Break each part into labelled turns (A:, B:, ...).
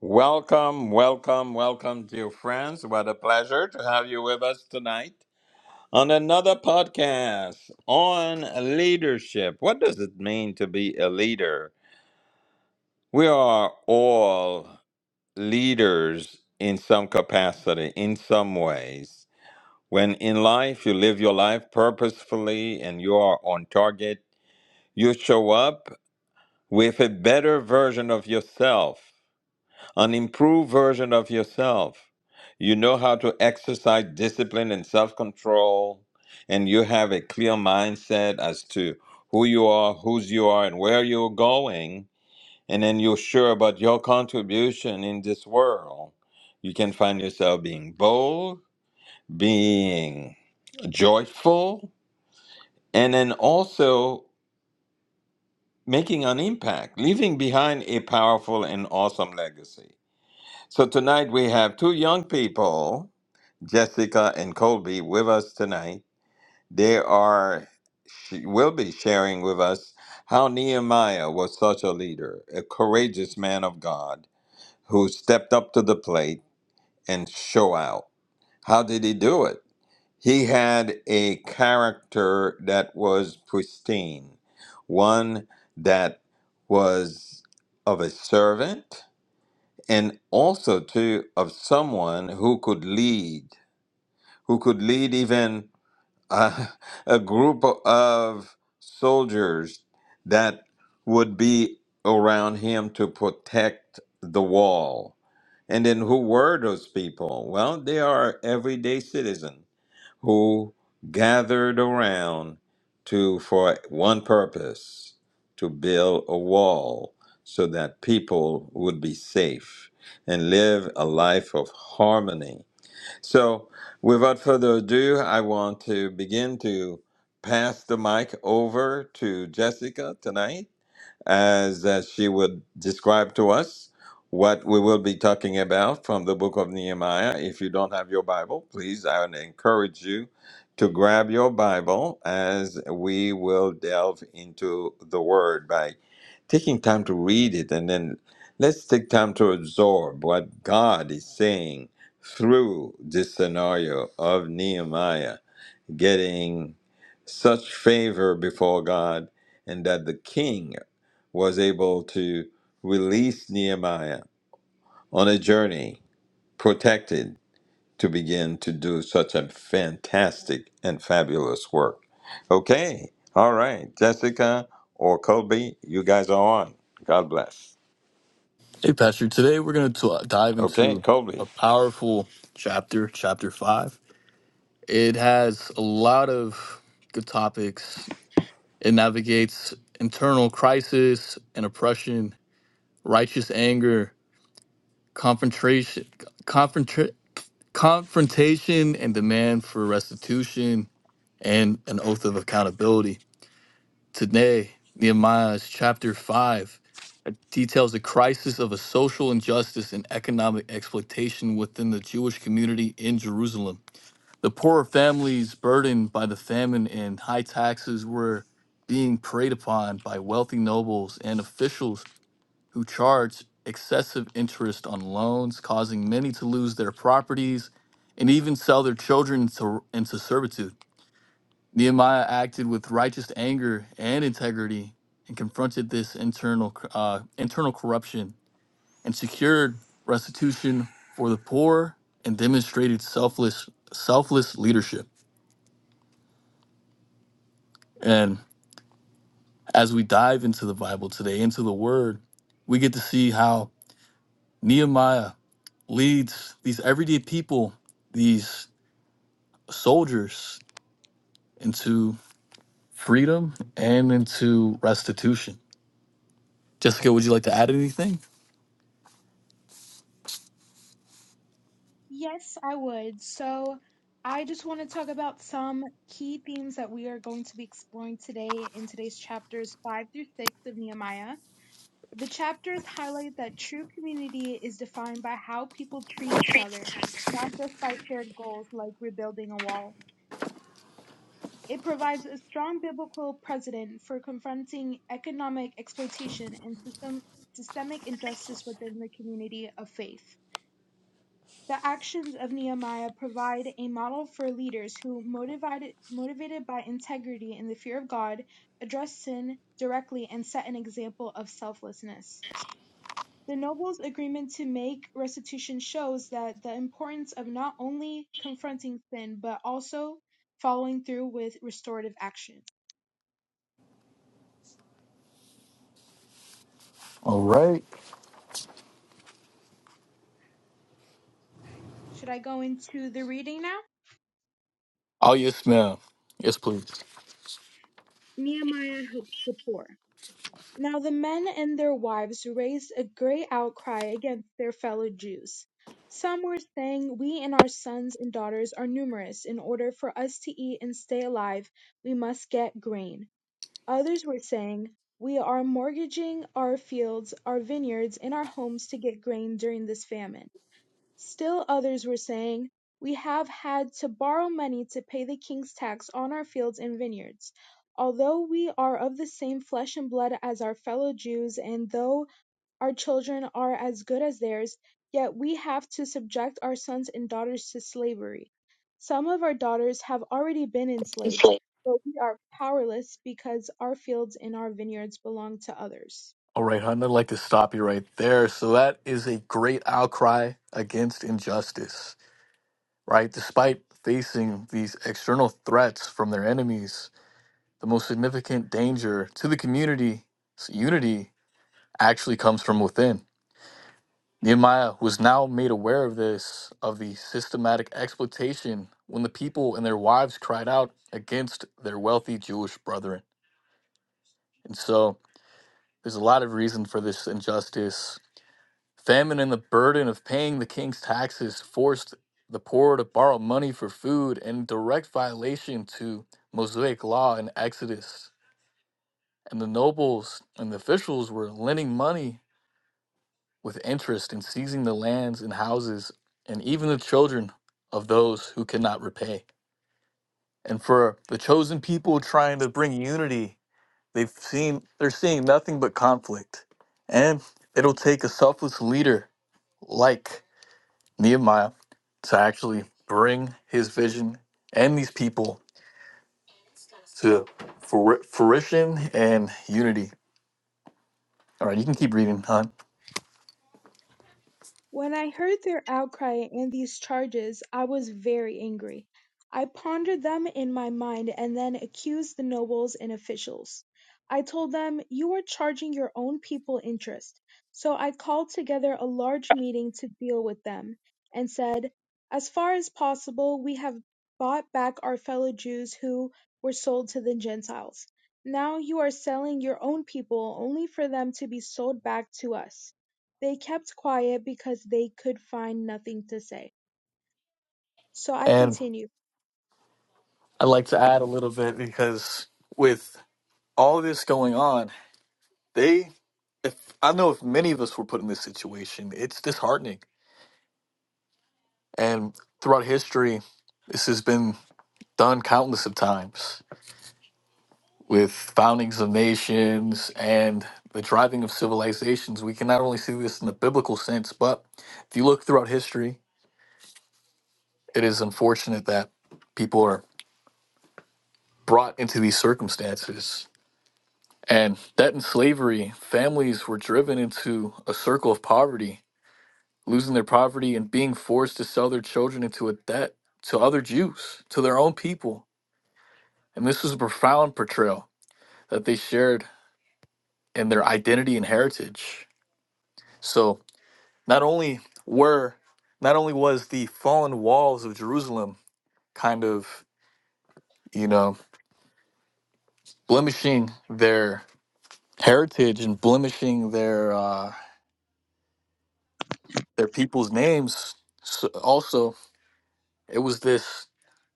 A: Welcome, welcome, welcome, dear friends. What a pleasure to have you with us tonight on another podcast on leadership. What does it mean to be a leader? We are all leaders in some capacity, in some ways. When in life you live your life purposefully and you are on target, you show up with a better version of yourself an improved version of yourself. You know how to exercise discipline and self control, and you have a clear mindset as to who you are, whose you are, and where you're going. And then you're sure about your contribution in this world. You can find yourself being bold, being joyful, and then also making an impact, leaving behind a powerful and awesome legacy. So tonight we have two young people Jessica and Colby with us tonight. They are she will be sharing with us how Nehemiah was such a leader, a courageous man of God who stepped up to the plate and show out. How did he do it? He had a character that was pristine, one that was of a servant and also too of someone who could lead, who could lead even uh, a group of soldiers that would be around him to protect the wall. And then who were those people? Well, they are everyday citizens who gathered around to for one purpose, to build a wall so that people would be safe and live a life of harmony so, without further ado, I want to begin to pass the mic over to Jessica tonight as uh, she would describe to us what we will be talking about from the book of Nehemiah. If you don't have your Bible, please, I would encourage you to grab your Bible as we will delve into the Word by taking time to read it and then let's take time to absorb what God is saying through this scenario of Nehemiah getting such favor before God, and that the king was able to release Nehemiah on a journey, protected, to begin to do such a fantastic and fabulous work. Okay, all right, Jessica or Colby, you guys are on. God bless.
B: Hey, Pastor. Today we're going to dive
A: Okay,
B: into
A: Colby.
B: a powerful chapter, chapter five. It has a lot of good topics. It navigates internal crisis and oppression, righteous anger, confrontation, confrontra- confrontation, and demand for restitution, and an oath of accountability. Today, Nehemiah's chapter 5 uh, details the crisis of a social injustice and economic exploitation within the Jewish community in Jerusalem. The poorer families, burdened by the famine and high taxes, were being preyed upon by wealthy nobles and officials who charged excessive interest on loans, causing many to lose their properties and even sell their children to, into servitude. Nehemiah acted with righteous anger and integrity and confronted this internal uh, internal corruption and secured restitution for the poor and demonstrated selfless selfless leadership. And as we dive into the Bible today, into the Word, we get to see how Nehemiah leads these everyday people, these soldiers, into freedom and into restitution. Jessica, would you like to add anything?
C: Yes, I would. So, I just want to talk about some key themes that we are going to be exploring today in today's chapters 5 through 6 of Nehemiah. The chapters highlight that true community is defined by how people treat each other, not just by shared goals like rebuilding a wall. It provides a strong biblical precedent for confronting economic exploitation and system, systemic injustice within the community of faith. The actions of Nehemiah provide a model for leaders who, motivated motivated by integrity and the fear of God, address sin directly and set an example of selflessness. The nobles' agreement to make restitution shows that the importance of not only confronting sin but also following through with restorative action.
B: All right.
C: Should I go into the reading now?
B: Oh, yes, ma'am. Yes, please.
C: Nehemiah helps the poor. Now the men and their wives raised a great outcry against their fellow Jews. Some were saying, We and our sons and daughters are numerous. In order for us to eat and stay alive, we must get grain. Others were saying, We are mortgaging our fields, our vineyards, and our homes to get grain during this famine. Still others were saying, "We have had to borrow money to pay the king's tax on our fields and vineyards, although we are of the same flesh and blood as our fellow Jews and though our children are as good as theirs, yet we have to subject our sons and daughters to slavery. Some of our daughters have already been
B: Yes,
C: enslaved,
B: please.
C: but we are powerless because our fields and our vineyards belong to others."
B: All right, hon, I'd like to stop you right there. So that is a great outcry against injustice, right? Despite facing these external threats from their enemies, the most significant danger to the community's unity actually comes from within. Nehemiah was now made aware of this, of the systematic exploitation when the people and their wives cried out against their wealthy Jewish brethren. And so There's a lot of reason for this injustice. Famine and the burden of paying the king's taxes forced the poor to borrow money for food in direct violation to Mosaic law in Exodus. And the nobles and the officials were lending money with interest and seizing the lands and houses and even the children of those who cannot repay. And for the chosen people trying to bring unity, they've seen they're seeing nothing but conflict. And it'll take a selfless leader like Nehemiah to actually bring his vision and these people to fru- fruition and unity. All right, you can keep reading, hon.
C: When I heard their outcry and these charges, I was very angry. I pondered them in my mind and then accused the nobles and officials. I told them, "You are charging your own people interest." So I called together a large meeting to deal with them, and said, "As far as possible, we have bought back our fellow Jews who were sold to the Gentiles. Now you are selling your own people only for them to be sold back to us. They kept quiet because they could find nothing to say. So I
B: And
C: continue.
B: I'd like to add a little bit because with all this going on, they, if I know if many of us were put in this situation, it's disheartening. And throughout history, this has been done countless of times with foundings of nations and the driving of civilizations, we can not only see this in the biblical sense, but if you look throughout history, it is unfortunate that people are brought into these circumstances. And that in slavery, families were driven into a circle of poverty, losing their poverty and being forced to sell their children into a debt to other Jews, to their own people. And this was a profound portrayal that they shared in their identity and heritage. So, Not only were not only was the fallen walls of Jerusalem kind of, you know, blemishing their heritage and blemishing their uh their people's names, so also it was this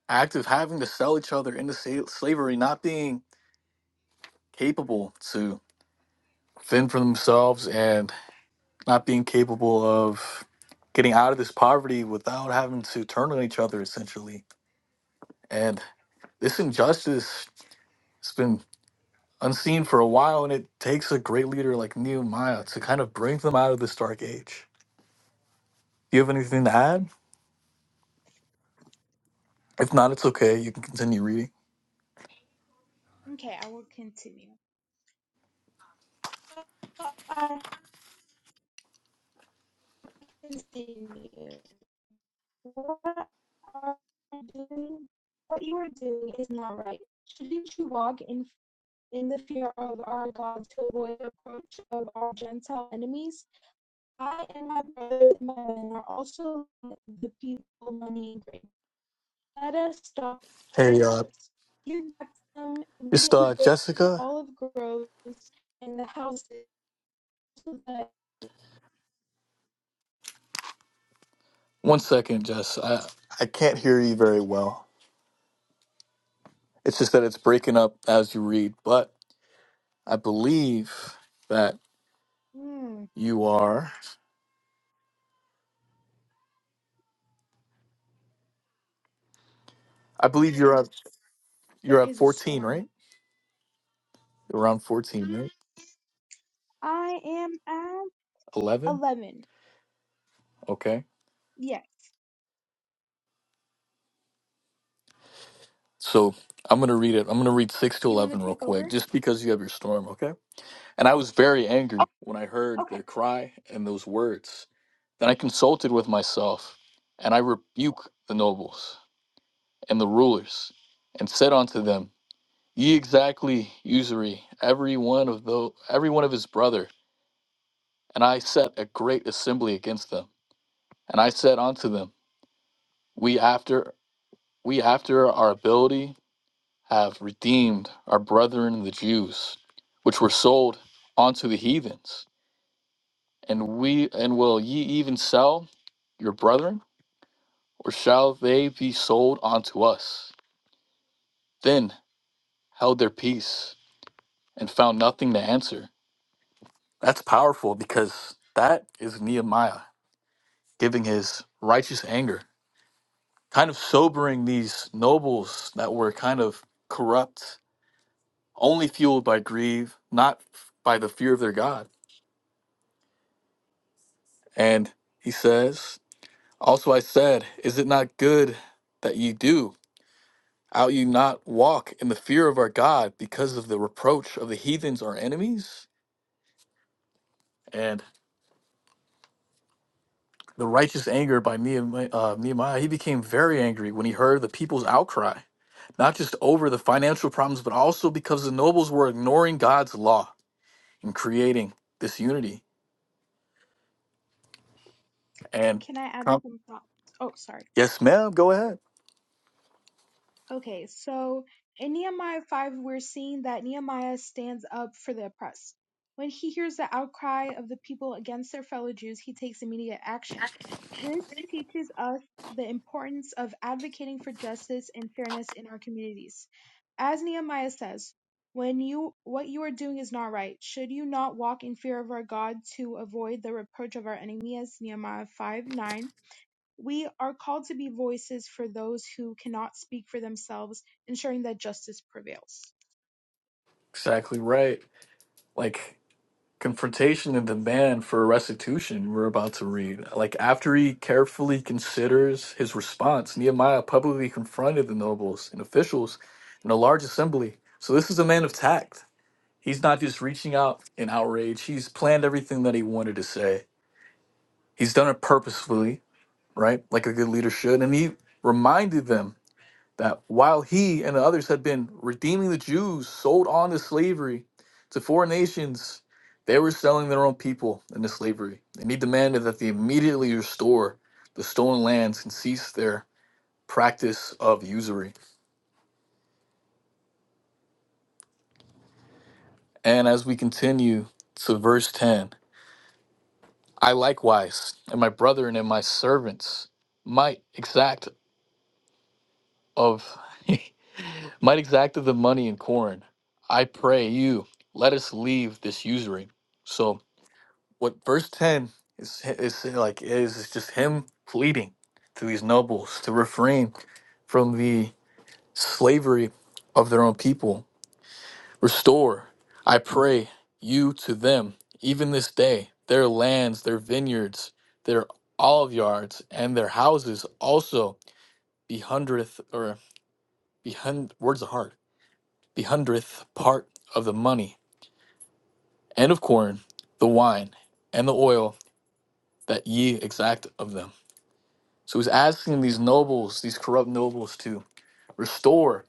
B: act of having to sell each other into sa- slavery, not being capable to fend for themselves and not being capable of getting out of this poverty without having to turn on each other essentially. And this injustice has been unseen for a while, and it takes a great leader like Nehemiah to kind of bring them out of this dark age. Do you have anything to add? If not, it's okay. You can continue reading.
C: Okay, I will continue. So I continue. What are you doing? What you are doing is not right. Shouldn't you walk in in the fear of our God to avoid the approach of our Gentile enemies? I and my brothers and my men are also the people money and grain. let us stop charges.
B: Hey, uh,
C: You Here Maxim
B: just
C: immediately
B: uh,
C: goes
B: Jessica.
C: olive groves and the houses. But
B: One second, Jess. I I can't hear you very well. It's just that it's breaking up as you read, but I believe that
C: hmm,
B: you are. I believe you're at
C: there
B: you're at
C: is a
B: 14,
C: storm.
B: right? Around 14, right?
C: I am at
B: 11.
C: eleven.
B: Okay.
C: Yes.
B: So I'm gonna read it. I'm gonna read six to
C: Do you want to
B: 11 real
C: take over?
B: quick, just because you have your storm. Okay. And I was very angry when I heard
C: Okay.
B: their cry and those words. Then I consulted with myself, and I rebuked the nobles and the rulers, and said unto them, Ye exactly usury every one of the, every one of his brother. And I set a great assembly against them. And I said unto them, We after we after our ability have redeemed our brethren the Jews, which were sold unto the heathens And we and will ye even sell your brethren, or shall they be sold unto us? Then held their peace and found nothing to answer. That's powerful because that is Nehemiah giving his righteous anger, kind of sobering these nobles that were kind of corrupt, only fueled by greed, not by the fear of their God. And he says, Also I said, Is it not good that ye do? Ought ye not walk in the fear of our God because of the reproach of the heathens, our enemies? And the righteous anger by Nehemiah, uh, Nehemiah, he became very angry when he heard the people's outcry, not just over the financial problems, but also because the nobles were ignoring God's law and creating this unity. And
C: Can I add
B: um,
C: some thoughts? Oh, sorry.
B: yes, ma'am, go ahead.
C: Okay, so in Nehemiah 5, we're seeing that Nehemiah stands up for the oppressed. When he hears the outcry of the people against their fellow Jews, he takes immediate action. This teaches us the importance of advocating for justice and fairness in our communities. As Nehemiah says, when you what you are doing is not right, should you not walk in fear of our God to avoid the reproach of our enemies?" as Nehemiah 5:9? We are called to be voices for those who cannot speak for themselves, ensuring that justice prevails.
B: Exactly right. Like confrontation and demand for restitution we're about to read. Like after he carefully considers his response, Nehemiah publicly confronted the nobles and officials in a large assembly. So this is a man of tact. He's not just reaching out in outrage. He's planned everything that he wanted to say. He's done it purposefully, right? Like a good leader should. And he reminded them that while he and the others had been redeeming the Jews sold on to slavery to foreign nations, they were selling their own people into slavery. And he demanded that they immediately restore the stolen lands and cease their practice of usury. And as we continue to verse 10, I likewise, and my brethren and my servants, might exact of might exact of the money and corn. I pray you, let us leave this usury. So what verse 10 is is like is is just him pleading to these nobles to refrain from the slavery of their own people restore i pray you to them even this day their lands their vineyards their olive yards and their houses also be hundredth or be hun- words are hard. be hundredth part of the money and of corn the wine and the oil that ye exact of them So he's asking these nobles, these corrupt nobles, to restore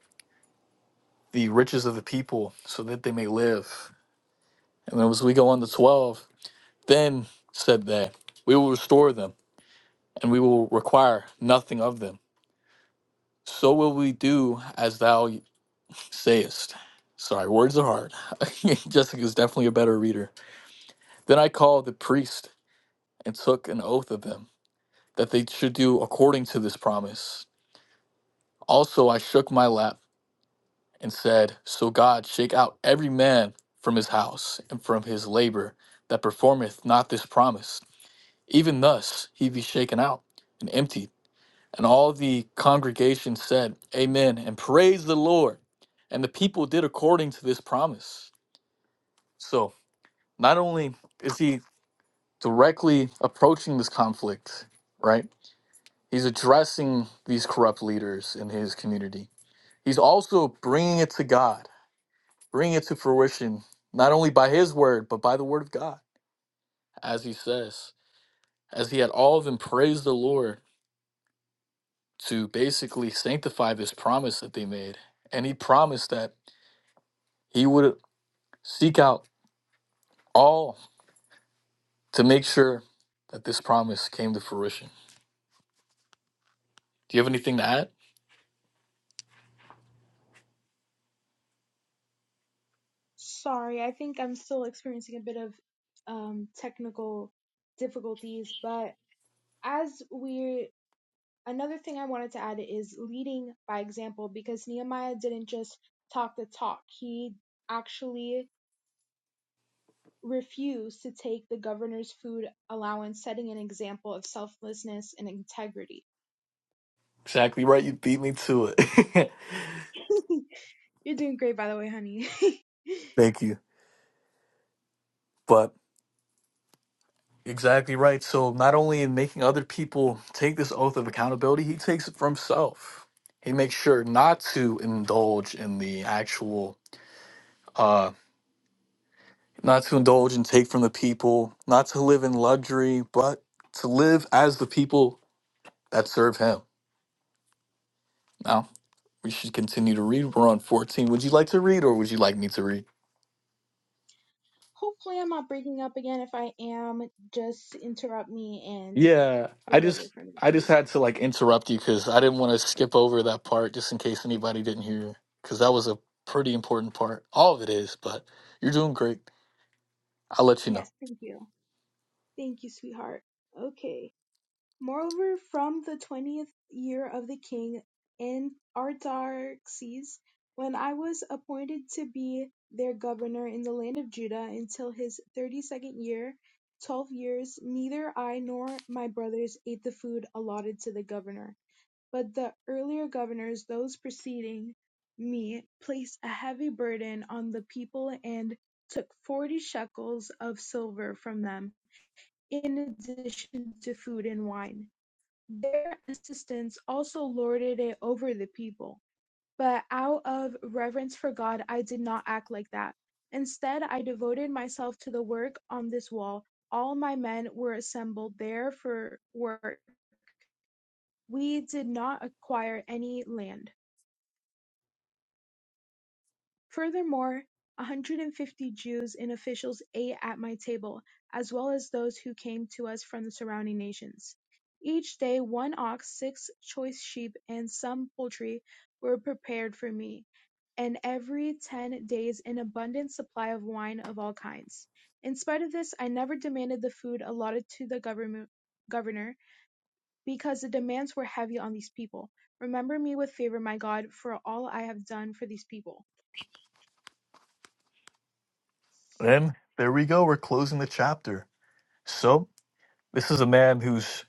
B: the riches of the people so that they may live. And then as we go on to 12, then said they, We will restore them, and we will require nothing of them. So will we do as thou sayest. Sorry, words are hard. Jessica is definitely a better reader. Then I called the priest and took an oath of them that they should do according to this promise. Also, I shook my lap and said, So God shake out every man from his house and from his labor that performeth not this promise. Even thus he be shaken out and emptied. And all the congregation said, Amen, and praise the Lord. And the people did according to this promise. So not only is he directly approaching this conflict, right? He's addressing these corrupt leaders in his community. He's also bringing it to God bring it to fruition, not only by his word, but by the word of God, as he says, as he had all of them praise the Lord to basically sanctify this promise that they made. And he promised that he would seek out all to make sure that this promise came to fruition. Do you have anything to add?
C: Sorry, I think I'm still experiencing a bit of um, technical difficulties, but as we, another thing I wanted to add is leading by example because Nehemiah didn't just talk the talk, he actually refused to take the governor's food allowance, setting an example of selflessness and integrity.
B: Exactly right. You beat me to it.
C: You're doing great, by the way, honey.
B: Thank you. But Exactly right. So not only in making other people take this oath of accountability, he takes it for himself. He makes sure not to indulge in the actual uh not to indulge and take from the people, not to live in luxury, but to live as the people that serve him. Now, we should continue to read. We're on 14. Would you like to read or would you like me to read?
C: Hopefully, I'm not breaking up again. If I am, just interrupt me and
B: Yeah, I
C: take over
B: just
C: for me,
B: I just
C: please.
B: had to like interrupt you because I didn't want to skip over that part just in case anybody didn't hear because that was a pretty important part. All of it is, but you're doing great. I'll let you know.
C: Yes, thank you. Thank you, sweetheart. Okay. Moreover, from the 20th year of the king in Artaxerxes, when I was appointed to be their governor in the land of Judah until his 32nd year, 12 years, neither I nor my brothers ate the food allotted to the governor But the earlier governors, those preceding me, placed a heavy burden on the people and took forty shekels of silver from them, in addition to food and wine. Their assistants also lorded it over the people. But out of reverence for God, I did not act like that. Instead, I devoted myself to the work on this wall. All my men were assembled there for work. We did not acquire any land. Furthermore, one hundred and fifty Jews and officials ate at my table, as well as those who came to us from the surrounding nations. Each day one ox, six choice sheep, and some poultry were prepared for me, and every ten days an abundant supply of wine of all kinds. In spite of this, I never demanded the food allotted to the government governor, because the demands were heavy on these people. Remember me with favor, my God, for all I have done for these people.
B: Then there we go. We're closing the chapter. So this is a man who's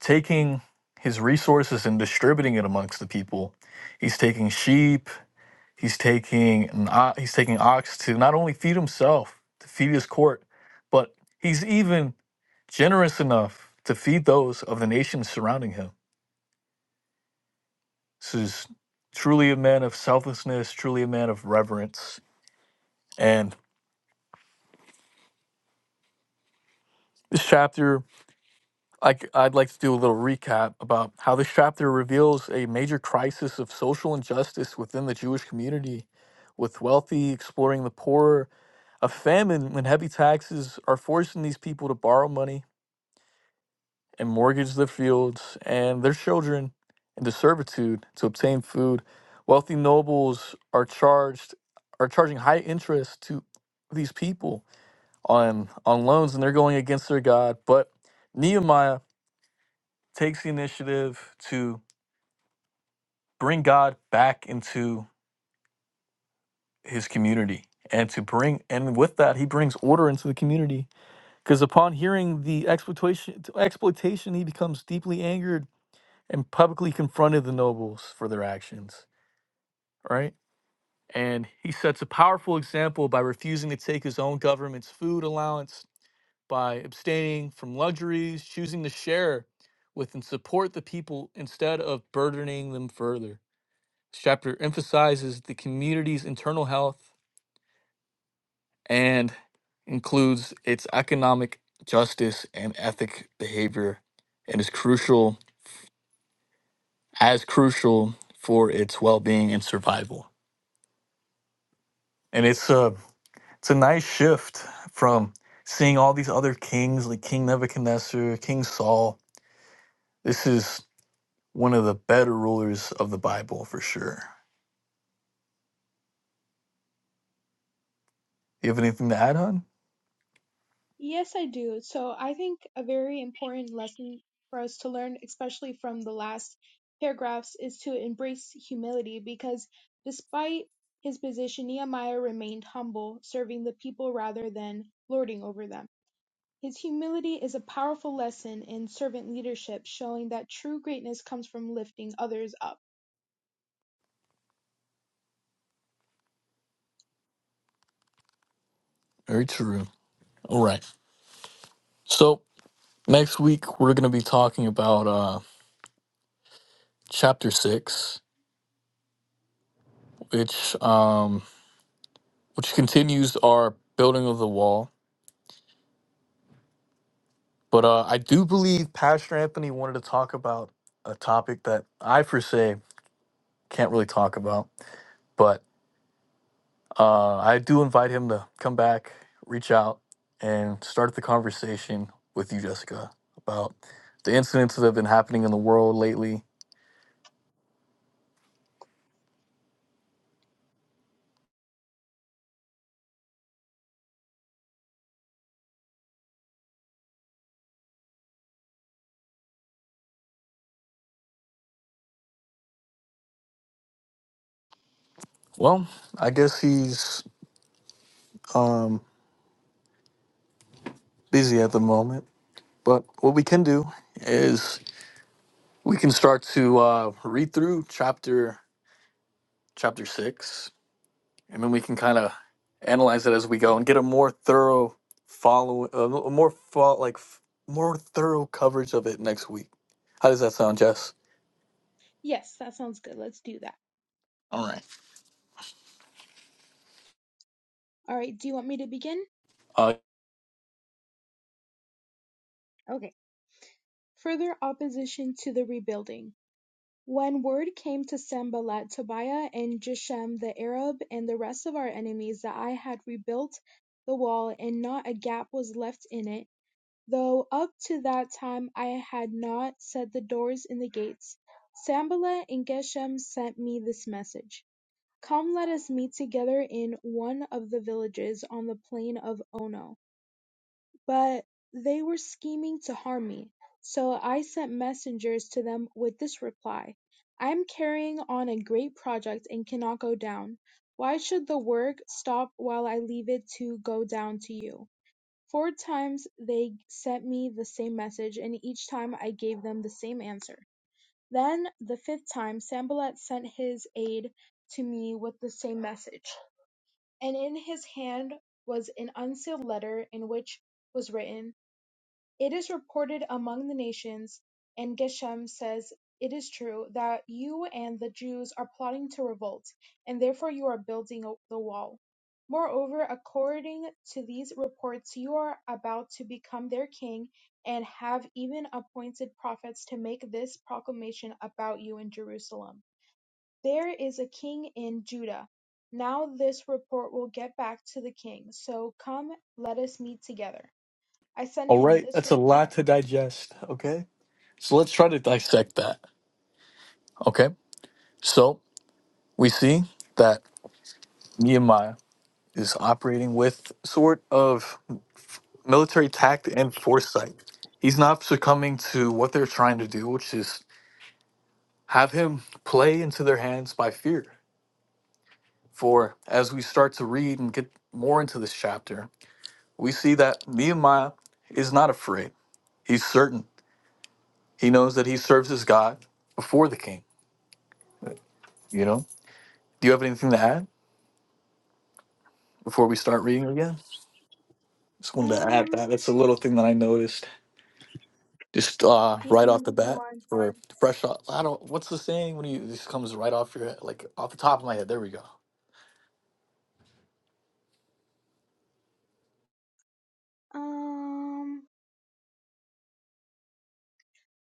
B: taking his resources and distributing it amongst the people. He's taking sheep. He's taking an o- he's taking ox to not only feed himself, to feed his court, but he's even generous enough to feed those of the nations surrounding him. This is truly a man of selflessness, truly a man of reverence. And this chapter, I, would like to do a little recap about how this chapter reveals a major crisis of social injustice within the Jewish community, with wealthy exploiting the poor. A famine when heavy taxes are forcing these people to borrow money and mortgage their fields and their children into servitude to obtain food. Wealthy nobles are charged are charging high interest to these people on on loans and they're going against their God. But Nehemiah takes the initiative to bring God back into his community and to bring and with that he brings order into the community because upon hearing the exploitation exploitation he becomes deeply angered and publicly confronted the nobles for their actions, right? And he sets a powerful example by refusing to take his own government's food allowance, by abstaining from luxuries, choosing to share with and support the people instead of burdening them further. This chapter emphasizes the community's internal health and includes its economic justice and ethic behavior and is crucial as crucial for its well-being and survival. and it's a it's a nice shift from seeing all these other kings like King Nebuchadnezzar, King Saul. This is one of the better rulers of the Bible for sure. You have anything to add on?
C: Yes, I do. So I think a very important lesson for us to learn, especially from the last paragraphs, is to embrace humility because despite his position, Nehemiah remained humble, serving the people rather than lording over them. His humility is a powerful lesson in servant leadership, showing that true greatness comes from lifting others up.
B: Very true. All right. So next week we're going to be talking about uh, chapter six, which um, which continues our building of the wall. But uh, I do believe Pastor Anthony wanted to talk about a topic that I per se can't really talk about, but Uh, I do invite him to come back, reach out, and start the conversation with you, Jessica, about the incidents that have been happening in the world lately. Well, I guess he's um, busy at the moment, but what we can do is we can start to uh, read through chapter chapter six, and then we can kind of analyze it as we go and get a more thorough follow, a more fo- like f- more thorough coverage of it next week. How does that sound, Jess?
C: Yes, that sounds good. Let's do that.
B: All right.
C: All right, do you want me to begin?
B: Uh,
C: Okay. Further opposition to the rebuilding. When word came to Sanballat, Tobiah, and Geshem the Arab, and the rest of our enemies that I had rebuilt the wall and not a gap was left in it, though up to that time I had not set the doors and the gates, Sanballat and Geshem sent me this message: Come let us meet together in one of the villages on the plain of Ono. But they were scheming to harm me, so I sent messengers to them with this reply: I am carrying on a great project and cannot go down. Why should the work stop while I leave it to go down to you? Four times they sent me the same message and each time I gave them the same answer. Then the fifth time Sanballat sent his aide to me with the same message, and in his hand was an unsealed letter in which was written it is reported among the nations, and Geshem says it is true, that you and the Jews are plotting to revolt, and therefore you are building the wall. Moreover, according to these reports, you are about to become their king and have even appointed prophets to make this proclamation about you in Jerusalem. There is a king in Judah. Now this report will get back to the king, so come, let us meet together. I sent
B: all
C: him
B: right,
C: this
B: that's a lot
C: reply.
B: to digest. Okay, so let's try to dissect that. Okay, so we see that Nehemiah is operating with sort of military tact and foresight. He's not succumbing to what they're trying to do, which is have him play into their hands by fear. For as we start to read and get more into this chapter, we see that Nehemiah is not afraid. He's certain. He knows that he serves his God before the king You know, do you have anything to add before we start reading again? Just wanted to add
C: Um,
B: that. That's a little thing that I noticed just uh, right off
C: green
B: the bat
C: one.
B: or fresh off. I don't, what's the saying when you this comes right off your head, like off the top of my head? There we go.
C: Um,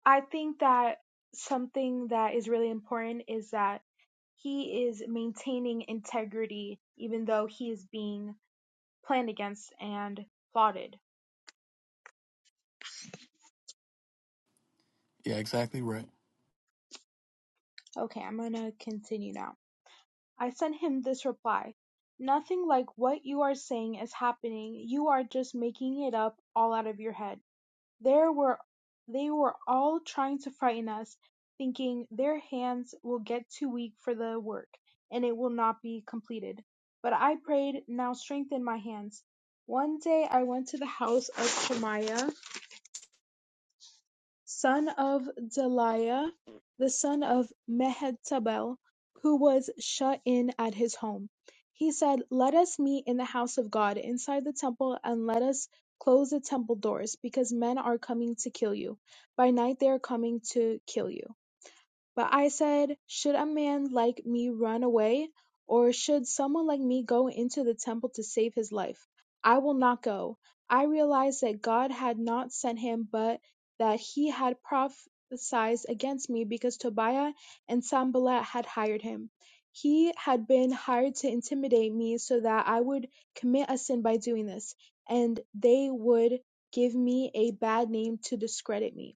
C: I think that something that is really important is that he is maintaining integrity even though he is being planned against and plotted.
B: Yeah, exactly right.
C: Okay, I'm gonna continue now. I sent him this reply. Nothing like what you are saying is happening. You are just making it up all out of your head. There were they were all trying to frighten us, thinking their hands will get too weak for the work, and it will not be completed. But I prayed, Now strengthen my hands. One day I went to the house of Shemaiah Son of Daliah, the son of Mehetabel, who was shut in at his home. He said, Let us meet in the house of God, inside the temple, and let us close the temple doors, because men are coming to kill you. By night they are coming to kill you. But I said, Should a man like me run away, or should someone like me go into the temple to save his life? I will not go. I realized that God had not sent him, but that he had prophesied against me because Tobiah and Sanballat had hired him. He had been hired to intimidate me so that I would commit a sin by doing this, and they would give me a bad name to discredit me.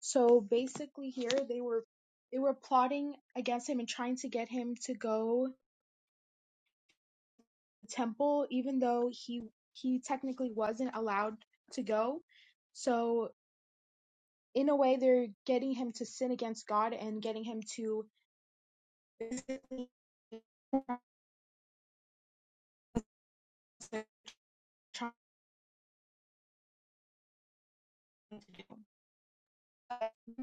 C: So basically here they were they were plotting against him and trying to get him to go to the temple even though he he technically wasn't allowed to go. So in a way they're getting him to sin against God and getting him to basically trying to do. But he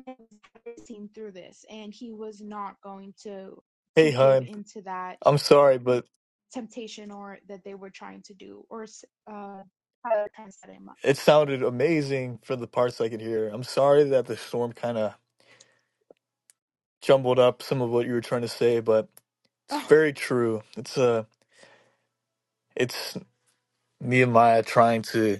C: was seen through this and he was not going to
B: Hey,
C: to give
B: hon,
C: into that
B: I'm sorry, but
C: temptation or that they were trying to do or uh how they were trying to s- uh
B: it sounded amazing for the parts I could hear. I'm sorry that the storm kind of jumbled up some of what you were trying to say, but it's
C: Oh,
B: very true. It's uh, it's Nehemiah trying to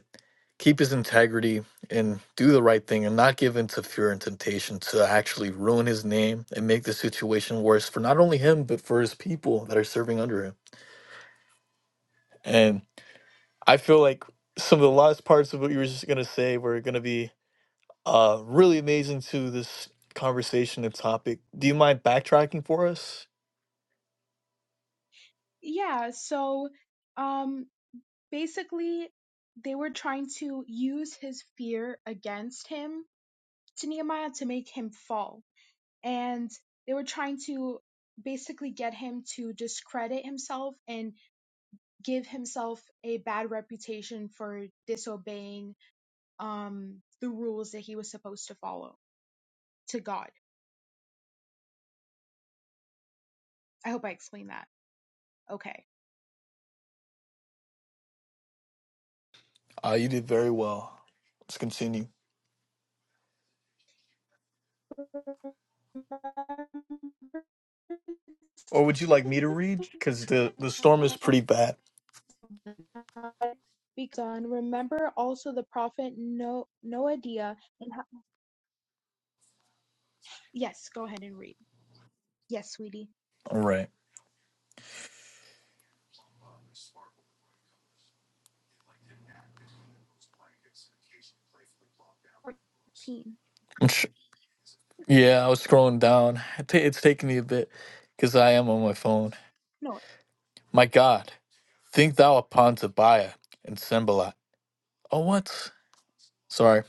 B: keep his integrity and do the right thing and not give in to fear and temptation to actually ruin his name and make the situation worse for not only him but for his people that are serving under him and i feel like some of the last parts of what you were just going to say were going to be uh, really amazing to this conversation and topic do you mind backtracking for us
C: yeah. So, um, basically, they were trying to use his fear against him to Nehemiah to make him fall. And they were trying to basically get him to discredit himself and give himself a bad reputation for disobeying, um, the rules that he was supposed to follow to God. I hope I explained that. Okay.
B: uh, you did very well let's continue or would you like me to read because the, the storm is pretty bad
C: begun. Remember also the prophet no- Noadia. And how- yes, go ahead and read. Yes, sweetie.
B: all right
C: 14.
B: I'm, sh- Yeah, I was scrolling down. It ta- It's taking me a bit because I am on my phone.
C: No,
B: My God, think thou upon Tobiah and Sembalat. Oh, what? Sorry,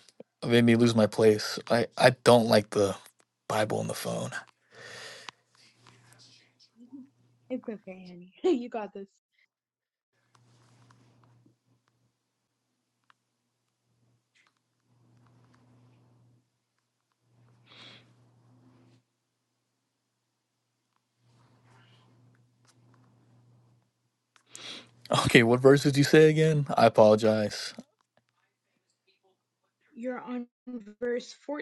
B: it made me lose my place. I, I don't like the Bible on the phone.
C: it's okay, honey. you got this.
B: Okay, what verse did you say again? I apologize.
C: You're on verse 14.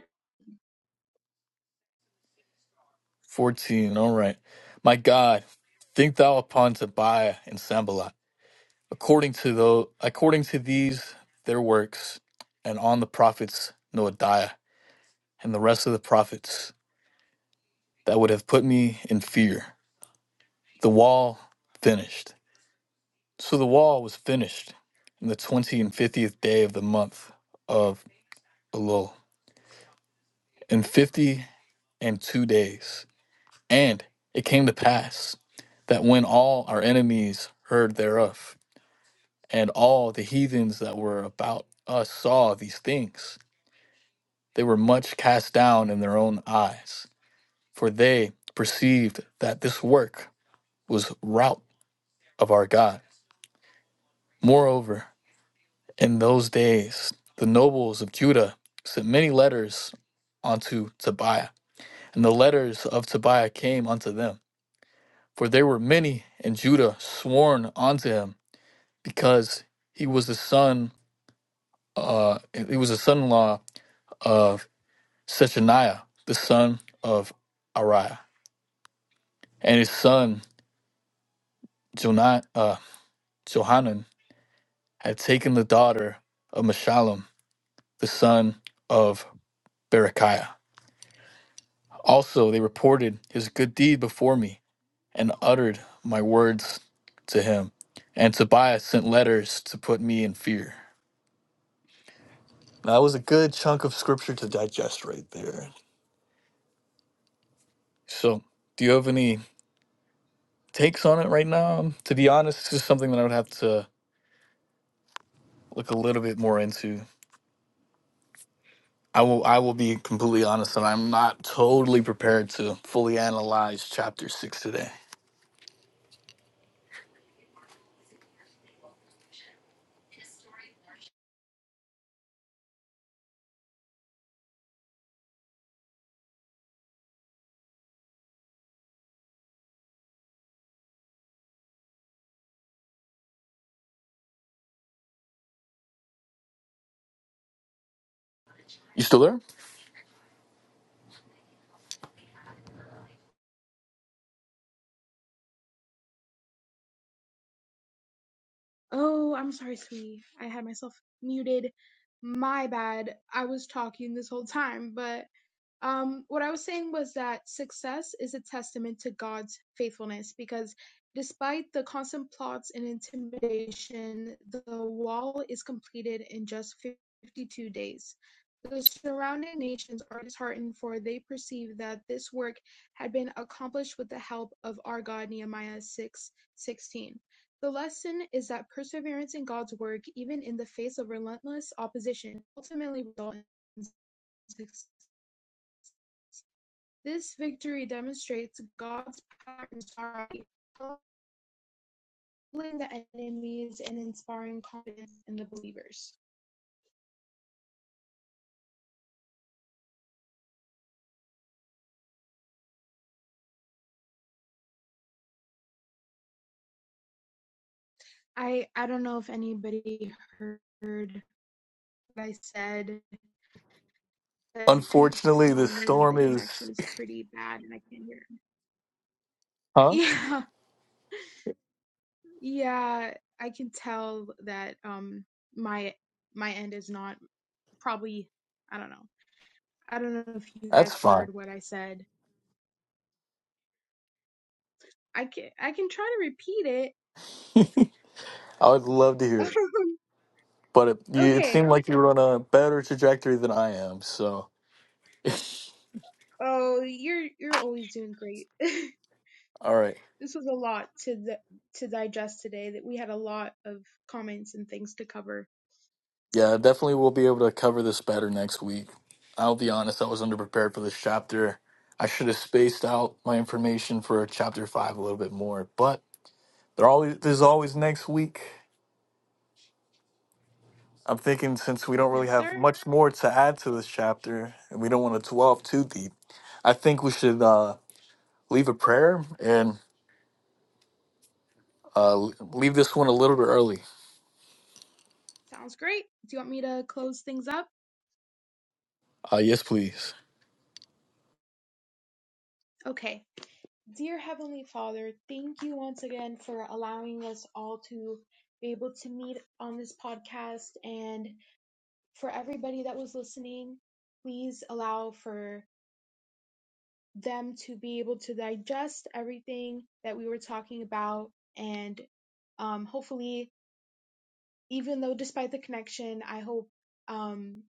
B: 14, all right. My God, think thou upon Tobiah and Sembalat, according to the, according to these their works, and on the prophets Noadiah and the rest of the prophets. that would have put me in fear. The wall finished. So the wall was finished in the 20 and 50th day of the month of Elul, in 50 and two days. And it came to pass that when all our enemies heard thereof, and all the heathens that were about us saw these things, they were much cast down in their own eyes, for they perceived that this work was rout of our God. Moreover, In those days, the nobles of Judah sent many letters unto Tobiah, and the letters of Tobiah came unto them. For there were many in Judah sworn unto him, because he was the son, uh, he was the son-in-law of Shechaniah, the son of Ariah, and his son Jona- uh, Johanan had taken the daughter of Meshullam, the son of Berechiah. Also, they reported his good deed before me and uttered my words to him. And Tobias sent letters to put me in fear. Now, that was a good chunk of scripture to digest right there. So, do you have any takes on it right now? Um, To be honest, it's just something that I would have to look a little bit more into. I will I will be completely honest and I'm not totally prepared to fully analyze chapter 6 today. You still there?
C: Oh, I'm sorry, sweetie. I had myself muted. My bad. I was talking this whole time, but um, what I was saying was that success is a testament to God's faithfulness because despite the constant plots and intimidation, the wall is completed in just 52 days. The surrounding nations are disheartened, for they perceive that this work had been accomplished with the help of our God, Nehemiah 6:16. The lesson is that perseverance in God's work, even in the face of relentless opposition, ultimately results in success. This victory demonstrates God's power in sorrow, humbling the enemies and inspiring confidence in the believers. I I don't know if anybody heard what I said because it keeps
B: Unfortunately, the
C: telling me that the
B: storm is
C: connection's pretty bad and I can't hear. Him.
B: huh?
C: Yeah. Yeah, I can tell that um my my end is not probably I don't know. I don't know if you
B: That's
C: guys
B: fine.
C: heard what I said. I can I can try to repeat it.
B: I would love to hear it, but it, you, it
C: okay.
B: seemed like you were on a better trajectory than I am. So,
C: Oh, you're you're always doing great. this
B: all right,
C: was a lot to the, to digest today. That we had a lot of comments and things to cover.
B: yeah, definitely we'll be able to cover this better next week. I'll be honest, I was underprepared for this chapter. I should have spaced out my information for chapter five a little bit more, but there always there's always next week. I'm thinking since we don't really
C: Yes, sir.
B: have much more to add to this chapter, and we don't want to dwell too deep, I think we should uh, leave a prayer and uh, leave this one a little bit early.
C: Sounds great. Do you want me to close things up?
B: Uh, yes, please.
C: Okay. Dear Heavenly Father, thank you once again for allowing us all to be able to meet on this podcast. And for everybody that was listening, please allow for them to be able to digest everything that we were talking about. And um, hopefully, even though despite the connection, I hope um,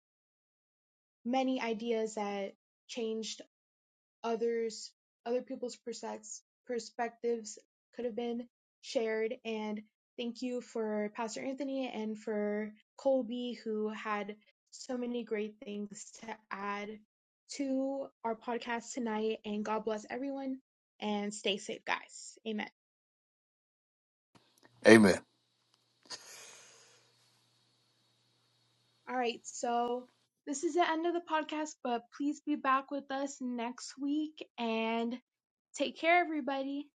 C: many ideas that changed others other people's perspectives could have been shared and thank you for pastor anthony and for colby who had so many great things to add to our podcast tonight and god bless everyone and stay safe guys amen
B: Amen.
C: all right so this is the end of the podcast but please be back with us next week and take care everybody